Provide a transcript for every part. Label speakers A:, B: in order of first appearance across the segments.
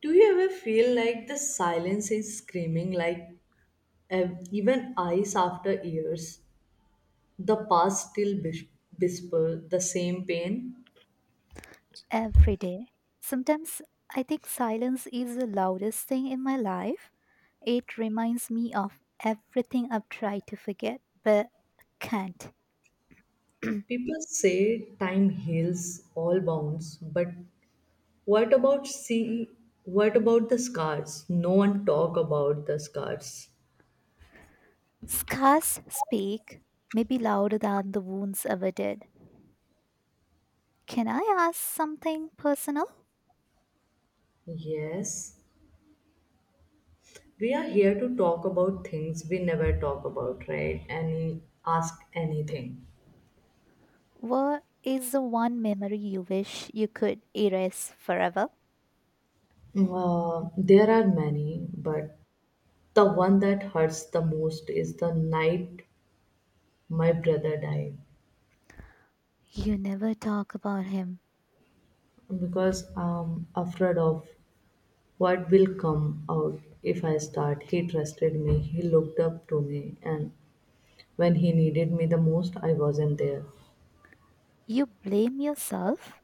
A: Do you ever feel like the silence is screaming, like even eyes after years? The past still whisper the same pain.
B: Every day. Sometimes I think silence is the loudest thing in my life. It reminds me of everything I've tried to forget but can't.
A: People say time heals all wounds, but what about see? What about the scars? No one talk about the scars.
B: Scars speak, maybe louder than the wounds ever did. Can I ask something personal?
A: Yes, we are here to talk about things we never talk about, right? And ask anything.
B: What is the one memory you wish you could erase forever?
A: There are many, but the one that hurts the most is the night my brother died
B: You never talk about him.
A: because I'm afraid of what will come out if I start. He trusted me, he looked up to me, and when he needed me the most, I wasn't there.
B: You blame yourself?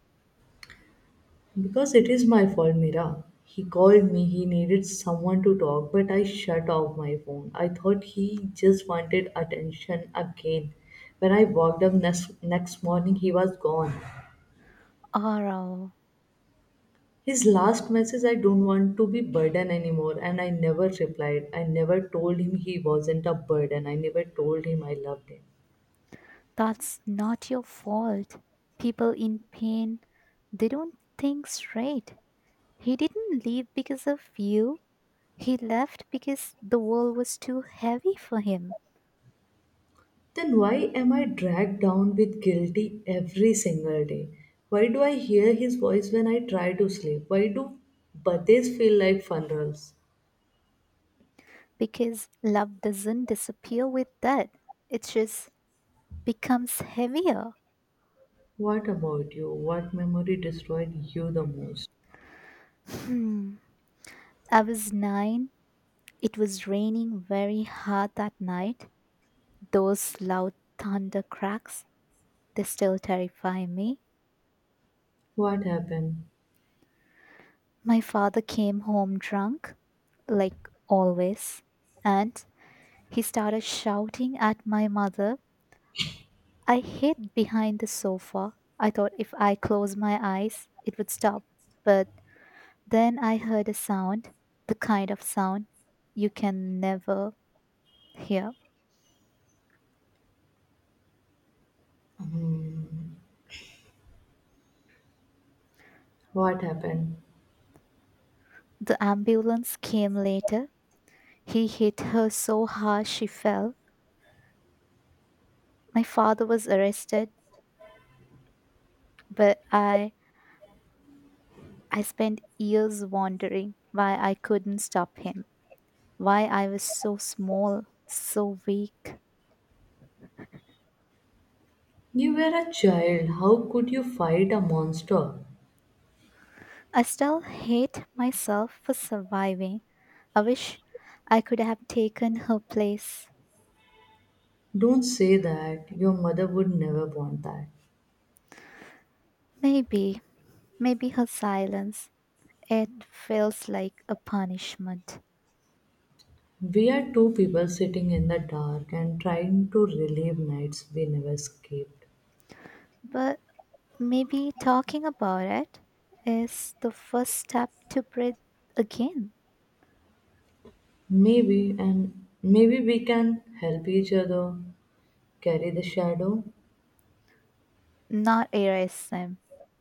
A: Because it is my fault, Mira. He called me, he needed someone to talk, but I shut off my phone. I thought he just wanted attention again. When I walked up next morning, he was gone.
B: Or
A: His last message, I don't want to be burden anymore. And I never replied. I never told him he wasn't a burden. I never told him I loved him.
B: That's not your fault. People in pain, they don't think straight. He didn't leave because of you. He left because the world was too heavy for him.
A: Then why am I dragged down with guilty every single day? Why do I hear his voice when I try to sleep? Why do birthdays feel like funerals?
B: Because love doesn't disappear with death, it just becomes heavier.
A: What about you? What memory destroyed you the most?
B: Hmm. I was nine. It was raining very hard that night. Those loud thunder cracks, they still terrify me.
A: What happened?
B: My father came home drunk, like always, and he started shouting at my mother. I hid behind the sofa. I thought if I closed my eyes, it would stop. But then I heard a sound, the kind of sound you can never hear.
A: What happened?
B: The ambulance came later. He hit her so hard she fell. My father was arrested, but I spent years wondering why I couldn't stop him. Why I was so small, so weak.
A: You were a child. How could you fight a monster?
B: I still hate myself for surviving. I wish I could have taken her place.
A: Don't say that. Your mother would never want that.
B: Maybe, maybe her silence, it feels like a punishment.
A: We are two people sitting in the dark and trying to relive nights we never escaped.
B: But maybe talking about it is the first step to breathe again,
A: Maybe, and maybe we can help each other carry the shadow.
B: not erase them,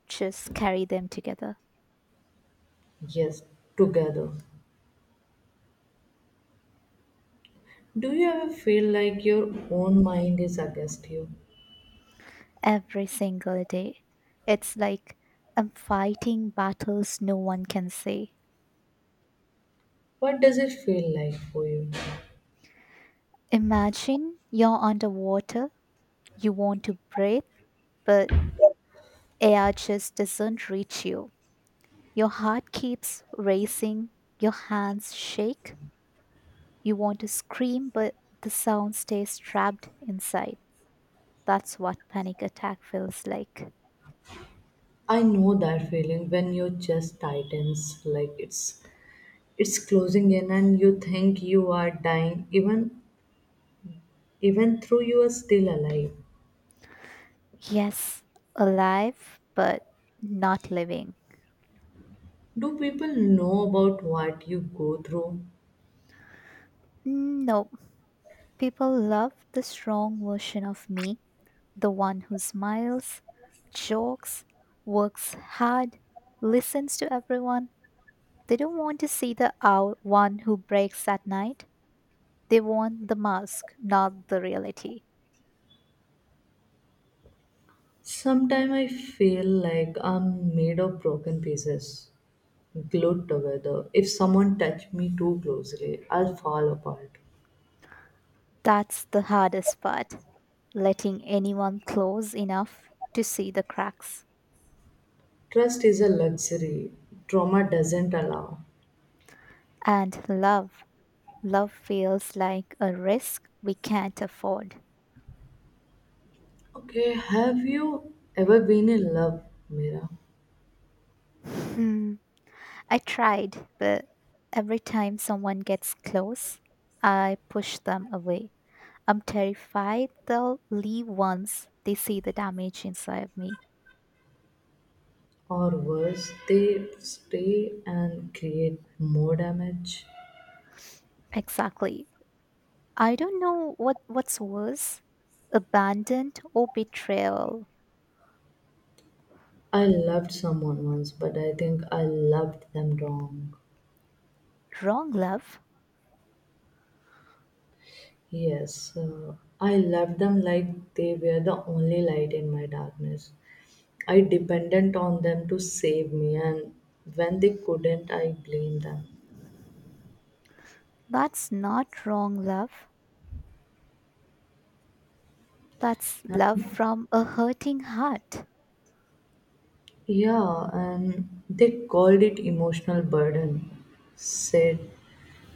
B: just carry them together.
A: Yes, together. Do you ever feel like your own mind is against you?
B: Every single day. It's like I'm fighting battles no one can see.
A: What does it feel like for you?
B: Imagine you're underwater, you want to breathe, but air just doesn't reach you. Your heart keeps racing, your hands shake, you want to scream, but the sound stays trapped inside. That's what panic attack feels like.
A: I know that feeling when your chest tightens like it's closing in and you think you are dying even though you are still alive.
B: Yes, alive, but not living.
A: Do people know about what you go through?
B: No, people love the strong version of me, the one who smiles, jokes, works hard, listens to everyone. They don't want to see the owl one who breaks at night. They want the mask, not the reality.
A: Sometimes I feel like I'm made of broken pieces, glued together. If someone touch me too closely, I'll fall apart.
B: That's the hardest part, letting anyone close enough to see the cracks.
A: Trust is a luxury trauma doesn't allow.
B: And love, love feels like a risk we can't afford.
A: Okay, have you ever been in love, Mira?
B: Hmm. I tried, but every time someone gets close, I push them away. I'm terrified they'll leave once they see the damage inside me.
A: Or worse, they stay and create more damage?
B: Exactly. I don't know what's worse, abandoned or betrayal.
A: I loved someone once, but I think I loved them wrong.
B: Wrong love?
A: Yes, I loved them like they were the only light in my darkness. I depended on them to save me, and when they couldn't, I blamed them.
B: That's not wrong love. That's love from a hurting heart.
A: Yeah, and they called it emotional burden. Said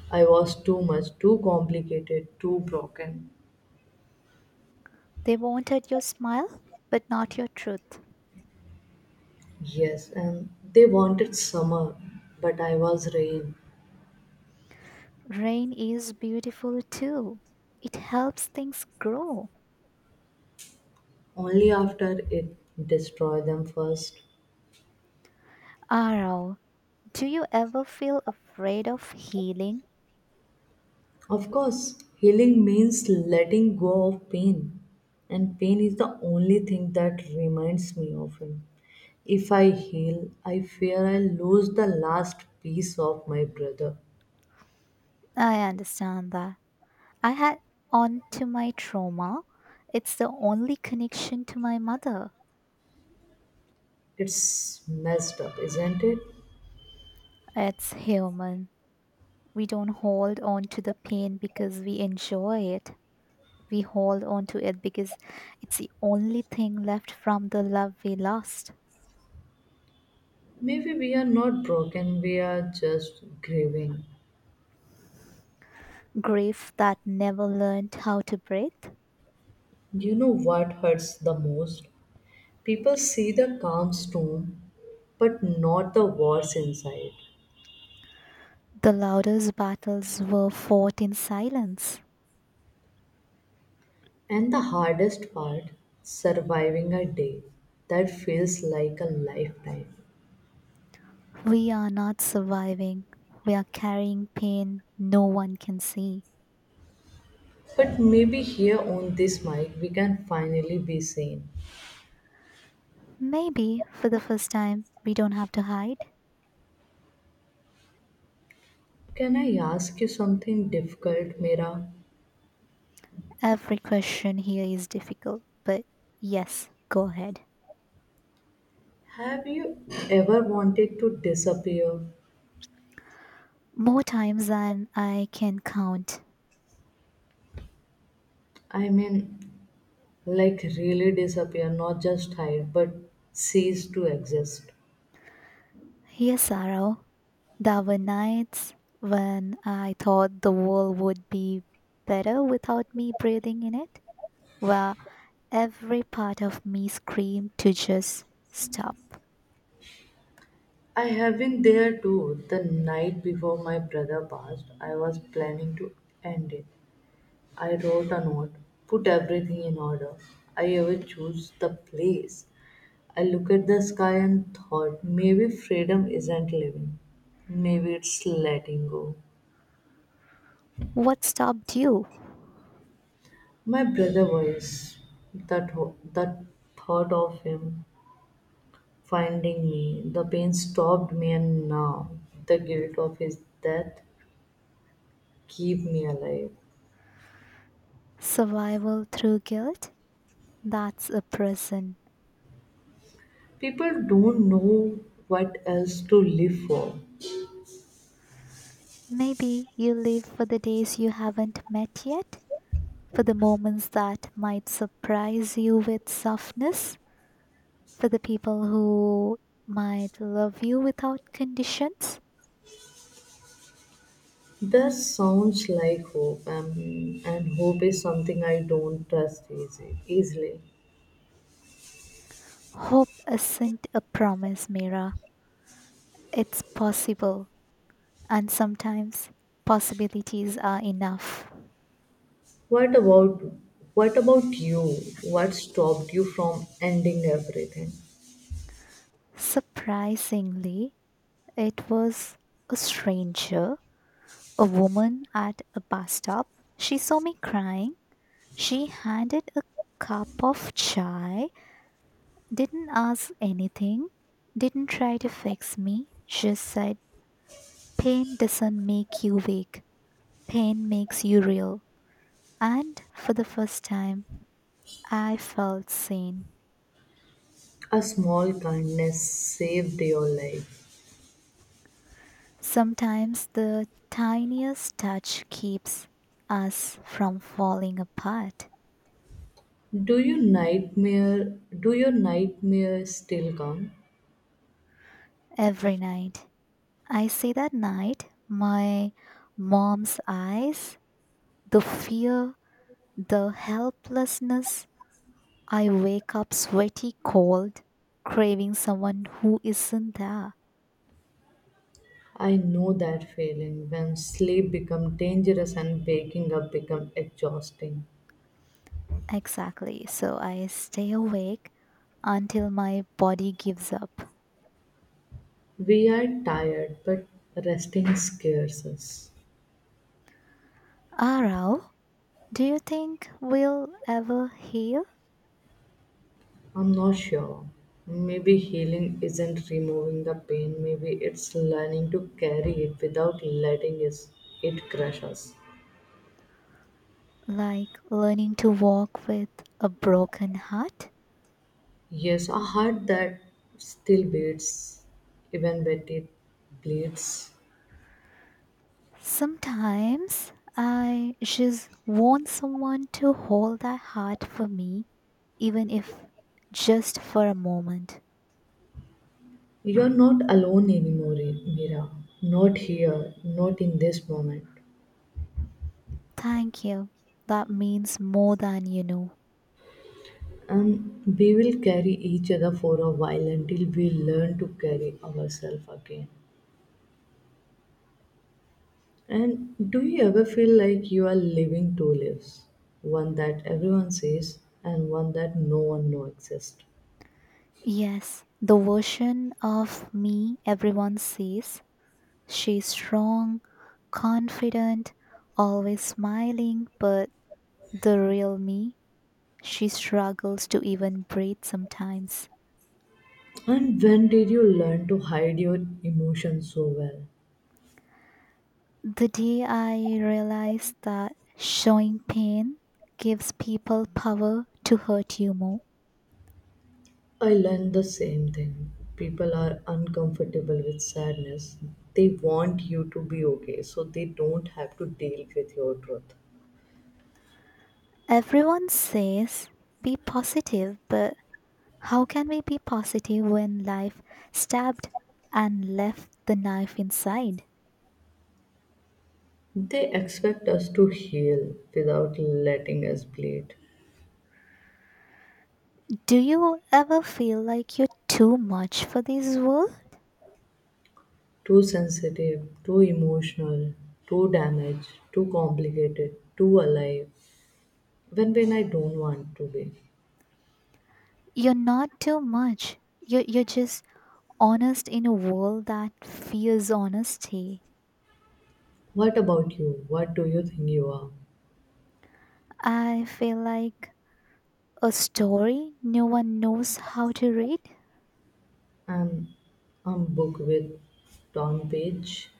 A: I was too much, too complicated, too broken.
B: They wanted your smile, but not your truth.
A: Yes, and they wanted summer, but I was rain.
B: Rain is beautiful too. It helps things grow.
A: Only after it destroys them first.
B: Arau, do you ever feel afraid of healing?
A: Of course, healing means letting go of pain, and pain is the only thing that reminds me of him. If I heal, I fear I lose the last piece of my brother.
B: I understand that. I had on to my trauma. It's the only connection to my mother.
A: It's messed up, isn't it?
B: It's human. We don't hold on to the pain because we enjoy it. We hold on to it because it's the only thing left from the love we lost.
A: Maybe we are not broken, we are just grieving.
B: Grief that never learned how to breathe.
A: You know what hurts the most? People see the calm storm, but not the wars inside.
B: The loudest battles were fought in silence.
A: And the hardest part, surviving a day that feels like a lifetime.
B: We are not surviving. We are carrying pain no one can see.
A: But maybe here on this mic, we can finally be sane.
B: Maybe for the first time, we don't have to hide.
A: Can I ask you something difficult, Mira?
B: Every question here is difficult, but yes, go ahead.
A: Have you ever wanted to disappear?
B: More times than I can count.
A: I mean, like really disappear, not just hide, but cease to exist.
B: Here's sorrow. There were nights when I thought the world would be better without me breathing in it, where every part of me screamed to just stop.
A: I have been there too. The night before my brother passed, I was planning to end it. I wrote a note, put everything in order. I even chose the place. I looked at the sky and thought, maybe freedom isn't living. Maybe it's letting go.
B: What stopped you?
A: My brother voice, that thought of him finding me, the pain stopped me, and now the guilt of his death keep me alive.
B: Survival through guilt? That's a prison.
A: People don't know what else to live for.
B: Maybe you live for the days you haven't met yet, for the moments that might surprise you with softness, for the people who might love you without conditions.
A: That sounds like hope, and hope is something I don't trust easily.
B: Hope isn't a promise, Mira. It's possible, and sometimes possibilities are enough.
A: What about what about you? What stopped you from ending everything?
B: Surprisingly, it was a stranger, a woman at a bus stop. She saw me crying. She handed a cup of chai, didn't ask anything, didn't try to fix me, just said, pain doesn't make you weak, pain makes you real. And for the first time, I felt seen.
A: A small kindness saved your life.
B: Sometimes the tiniest touch keeps us from falling apart.
A: Do you nightmare? Do your nightmares still come?
B: Every night. I see that night, my mom's eyes, the fear, the helplessness. I wake up sweaty, cold, craving someone who isn't there.
A: I know that feeling when sleep become dangerous and waking up become exhausting.
B: Exactly. So I stay awake until my body gives up.
A: We are tired, but resting scares us.
B: Arau, do you think we'll ever heal?
A: I'm not sure. Maybe healing isn't removing the pain, maybe it's learning to carry it without it crush us.
B: Like learning to walk with a broken heart?
A: Yes, a heart that still beats, even when it bleeds.
B: Sometimes I just want someone to hold their heart for me, even if just for a moment.
A: You're not alone anymore, Mira. Not here, not in this moment.
B: Thank you. That means more than you know.
A: And we will carry each other for a while until we learn to carry ourselves again. And do you ever feel like you are living two lives? One that everyone sees and one that no one knows exists.
B: Yes, the version of me everyone sees. She's strong, confident, always smiling, but the real me, she struggles to even breathe sometimes.
A: And when did you learn to hide your emotions so well?
B: The day I realized that showing pain gives people power to hurt you more.
A: I learned the same thing. People are uncomfortable with sadness. They want you to be okay so they don't have to deal with your truth.
B: Everyone says be positive, but how can we be positive when life stabbed and left the knife inside?
A: They expect us to heal without letting us bleed.
B: Do you ever feel like you're too much for this world?
A: Too sensitive, too emotional, too damaged, too complicated, too alive, when I don't want to be.
B: You're not too much. You're just honest in a world that fears honesty.
A: What about you? What do you think you are?
B: I feel like a story no one knows how to read?
A: I'm, An book with Tom Page.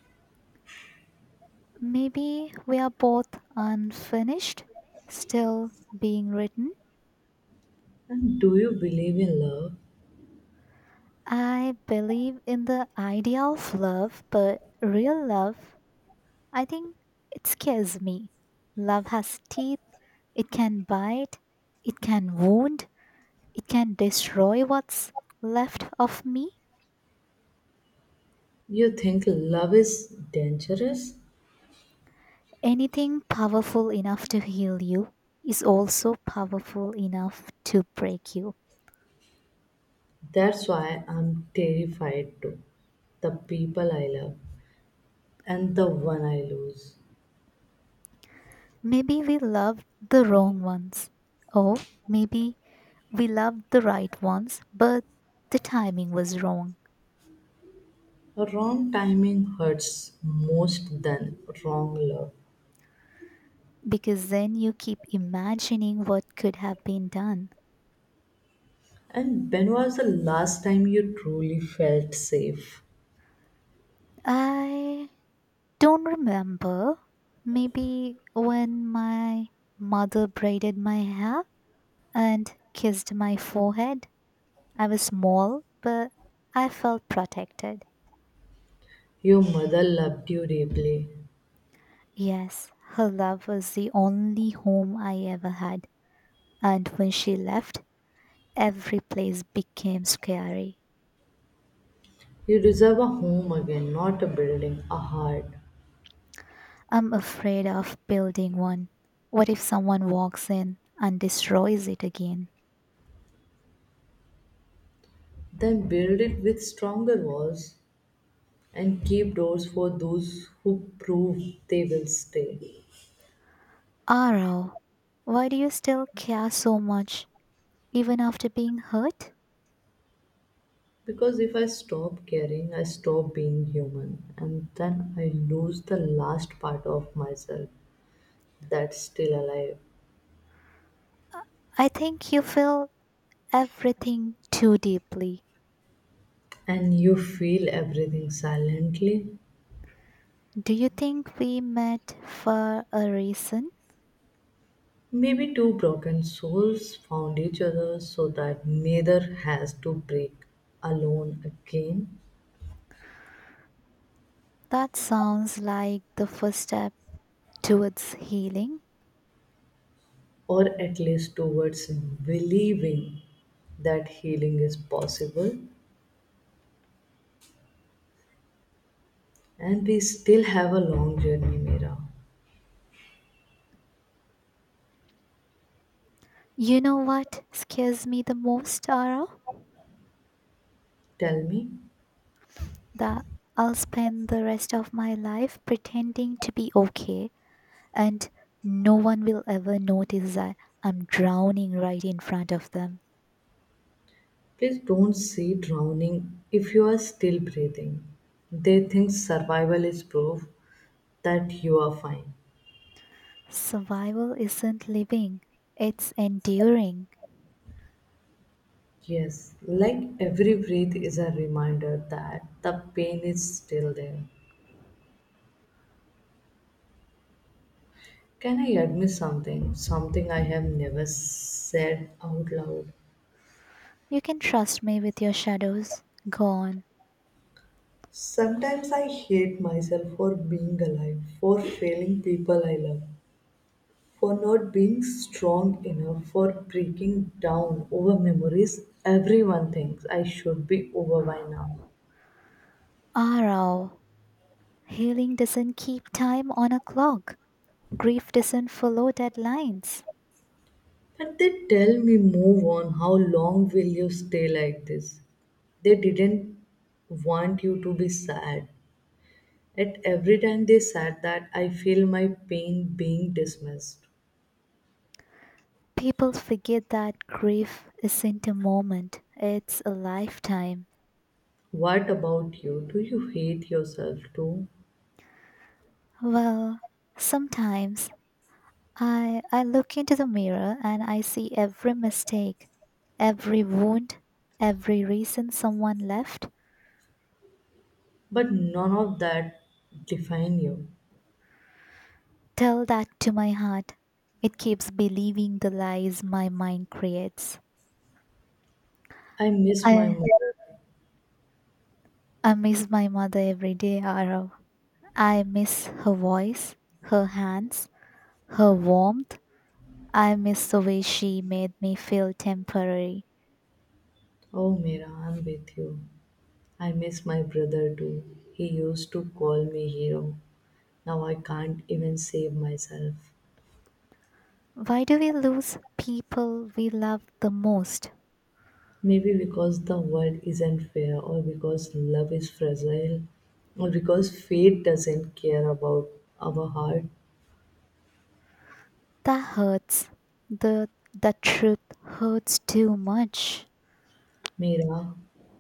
B: Maybe we are both unfinished, still being written.
A: And do you believe in love?
B: I believe in the idea of love, but real love, I think it scares me. Love has teeth, it can bite, it can wound, it can destroy what's left of me.
A: You think love is dangerous?
B: Anything powerful enough to heal you is also powerful enough to break you.
A: That's why I'm terrified too. The people I love and the one I lose.
B: Maybe we loved the wrong ones. Or maybe we loved the right ones, but the timing was wrong.
A: Wrong timing hurts most than wrong love.
B: Because then you keep imagining what could have been done.
A: And when was the last time you truly felt safe?
B: I don't remember. Maybe when my mother braided my hair and kissed my forehead. I was small, but I felt protected.
A: Your mother loved you deeply.
B: Yes, her love was the only home I ever had. And when she left, every place became scary.
A: You deserve a home again, not a building, a heart.
B: I'm afraid of building one. What if someone walks in and destroys it again?
A: Then build it with stronger walls and keep doors for those who prove they will stay.
B: Aro, why do you still care so much even after being hurt?
A: Because if I stop caring, I stop being human, and then I lose the last part of myself that's still alive.
B: I think you feel everything too deeply.
A: And you feel everything silently.
B: Do you think we met for a reason?
A: Maybe two broken souls found each other so that neither has to break alone again,
B: That sounds like the first step towards healing.
A: or at least towards believing that healing is possible. And we still have a long journey, Mira.
B: You know what scares me the most, Aro?
A: Tell me,
B: That I'll spend the rest of my life pretending to be okay and no one will ever notice that I'm drowning right in front of them.
A: please don't see drowning if you are still breathing. They think survival is proof that you are fine.
B: Survival isn't living, it's enduring.
A: Yes, like every breath is a reminder that the pain is still there. Can I admit something? Something I have never said out loud.
B: You can trust me with your shadows. Gone.
A: Sometimes I hate myself for being alive, for failing people I love, for not being strong enough, for breaking down over memories everyone thinks I should be over by now.
B: Arrow. Healing doesn't keep time on a clock. Grief doesn't follow deadlines.
A: But they tell me, move on, how long will you stay like this? They didn't want you to be sad. At every time they said that, I feel my pain being dismissed.
B: People forget that grief isn't a moment, it's a lifetime.
A: What about you? Do you hate yourself too?
B: Well, sometimes I look into the mirror and I see every mistake, every wound, every reason someone left.
A: But none of that define you.
B: Tell that to my heart. It keeps believing the lies my mind creates.
A: I miss my
B: I
A: mother.
B: I miss my mother every day, Arav. I miss her voice, her hands, her warmth. I miss the way she made me feel temporary.
A: Oh, Mira, I'm with you. I miss my brother too. He used to call me hero. Now I can't even save myself.
B: Why do we lose people we love the most?
A: Maybe because the world isn't fair, or because love is fragile, or because fate doesn't care about our heart.
B: That hurts. The truth hurts too much.
A: Mira,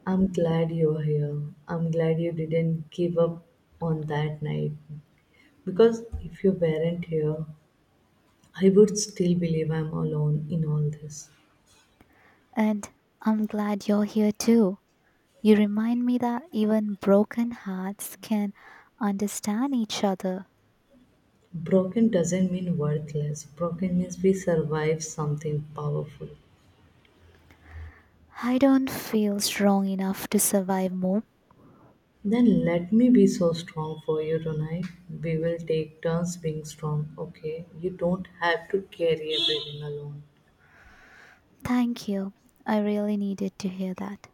A: I'm glad you're here. I'm glad you didn't give up on that night. Because if you weren't here, I would still believe I'm alone in all this.
B: And I'm glad you're here too. You remind me that even broken hearts can understand each other.
A: Broken doesn't mean worthless, broken means we survive something powerful.
B: I don't feel strong enough to survive more.
A: Then let me be so strong for you tonight. We will take turns being strong, okay? You don't have to carry everything alone.
B: Thank you. I really needed to hear that.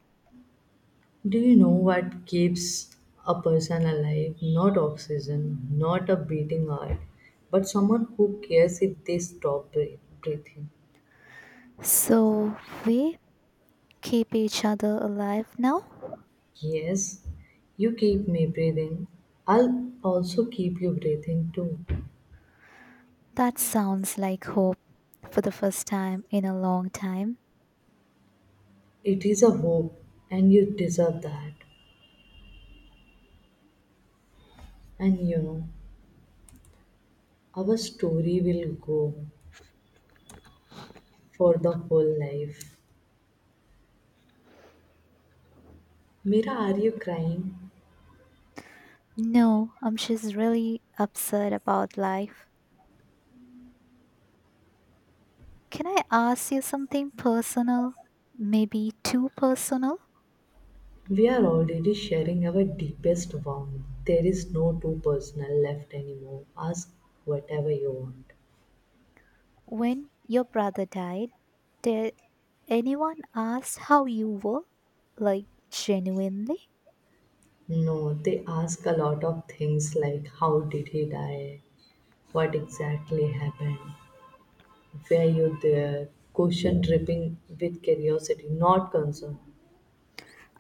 A: Do you know what keeps a person alive? Not oxygen, not a beating heart, but someone who cares if they stop breathing.
B: So we keep each other alive now?
A: Yes, you keep me breathing. I'll also keep you breathing too.
B: That sounds like hope for the first time in a long time.
A: It is a hope, and you deserve that. And you know, our story will go for the whole life. Mira, are you crying?
B: No, she's really upset about life. Can I ask you something personal? Maybe too personal?
A: We are already sharing our deepest wound. There is no too personal left anymore. Ask whatever you want.
B: When your brother died, did anyone ask how you were? Like, genuinely?
A: No, they ask a lot of things like how did he die? What exactly happened? Were you there? Question dripping with curiosity, not concern.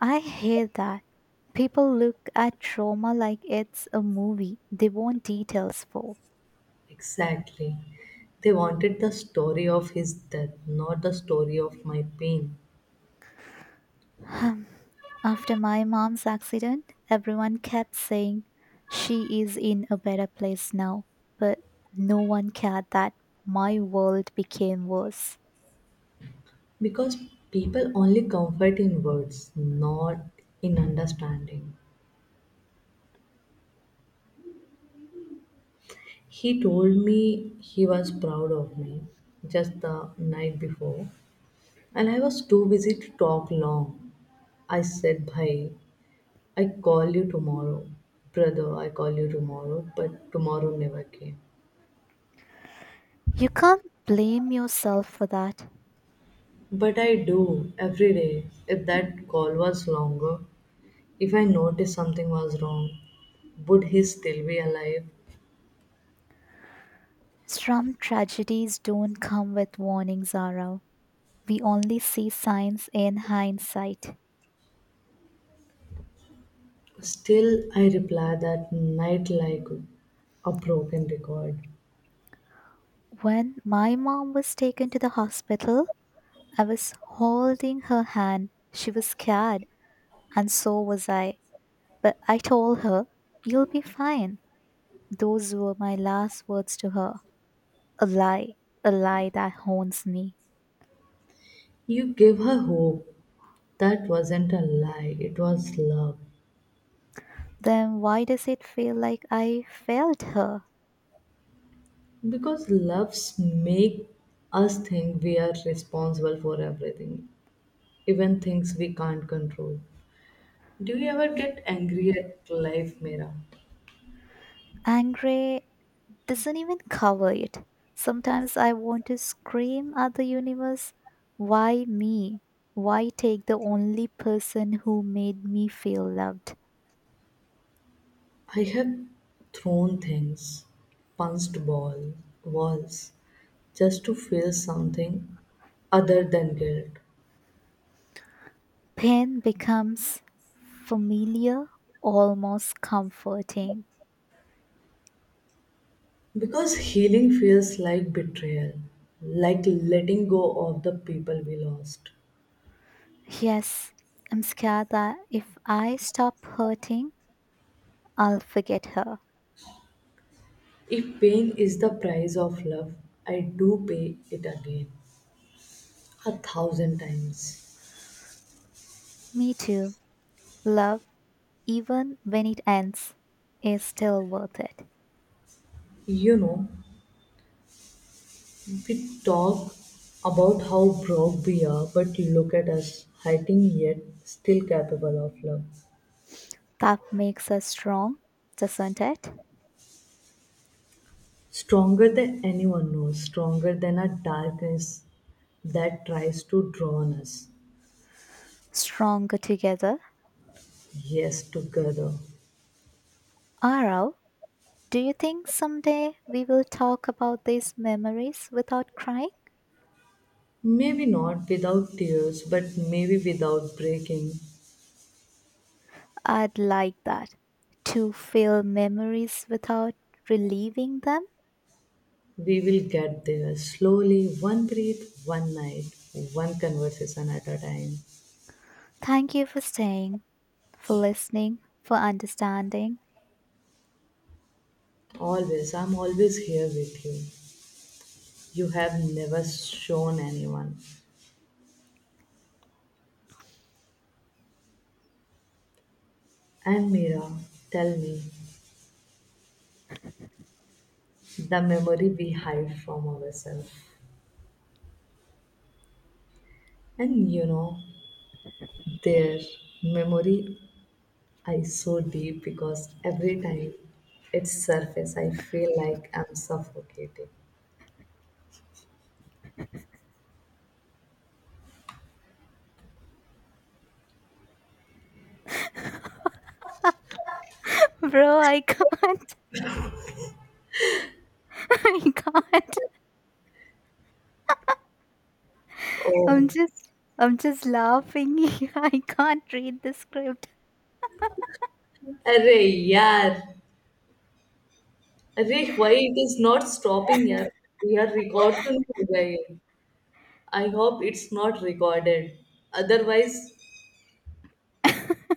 B: I hate that. People look at trauma like it's a movie they want details for.
A: Exactly. They wanted the story of his death, not the story of my pain.
B: After my mom's accident, everyone kept saying she is in a better place now, but no one cared that my world became worse.
A: Because people only comfort in words, not in understanding. He told me he was proud of me just the night before, and I was too busy to talk long. I said, Bhai, I call you tomorrow. Brother, I call you tomorrow, but tomorrow never came.
B: You can't blame yourself for that.
A: But I do every day. If that call was longer, if I noticed something was wrong, would he still be alive?
B: Some tragedies don't come with warnings, Zara. We only see signs in hindsight.
A: Still, I reply that night like a broken record.
B: When my mom was taken to the hospital, I was holding her hand. She was scared, and so was I. But I told her, you'll be fine. Those were my last words to her. A lie, a lie that haunts me.
A: You give her hope, that wasn't a lie, it was love.
B: Then why does it feel like I failed her?
A: Because loves make us think we are responsible for everything, even things we can't control. Do you ever get angry at life, Mira?
B: Angry doesn't even cover it. Sometimes I want to scream at the universe, why me? Why take the only person who made me feel loved?
A: I have thrown things, punched ball, walls, just to feel something other than guilt.
B: Pain becomes familiar, almost comforting.
A: Because healing feels like betrayal, like letting go of the people we lost.
B: Yes, I'm scared that if I stop hurting, I'll forget her.
A: If pain is the price of love, I do pay it again a thousand times.
B: Me too. Love, even when it ends, is still worth it.
A: You know, we talk about how broke we are, but look at us, hiding yet still capable of love.
B: That makes us strong, doesn't it?
A: Stronger than anyone knows, stronger than a darkness that tries to draw on us.
B: Stronger together.
A: Yes, together.
B: Arav, do you think someday we will talk about these memories without crying?
A: Maybe not without tears, but maybe without breaking.
B: I'd like that. To feel memories without relieving them?
A: We will get there slowly, one breath, one night, one conversation at a time.
B: Thank you for staying, for listening, for understanding.
A: Always, I'm always here with you. You have never shown anyone. And Mira, tell me the memory we hide from ourselves. And you know, their memory is so deep because every time it surface, I feel like I'm suffocating.
B: Bro, I can't. I can't. I'm
A: Oh,
B: just I'm just laughing. I can't read the script.
A: अरे यार Arey? Why it is not stopping? Here we are recording. I hope it's not recorded. Otherwise.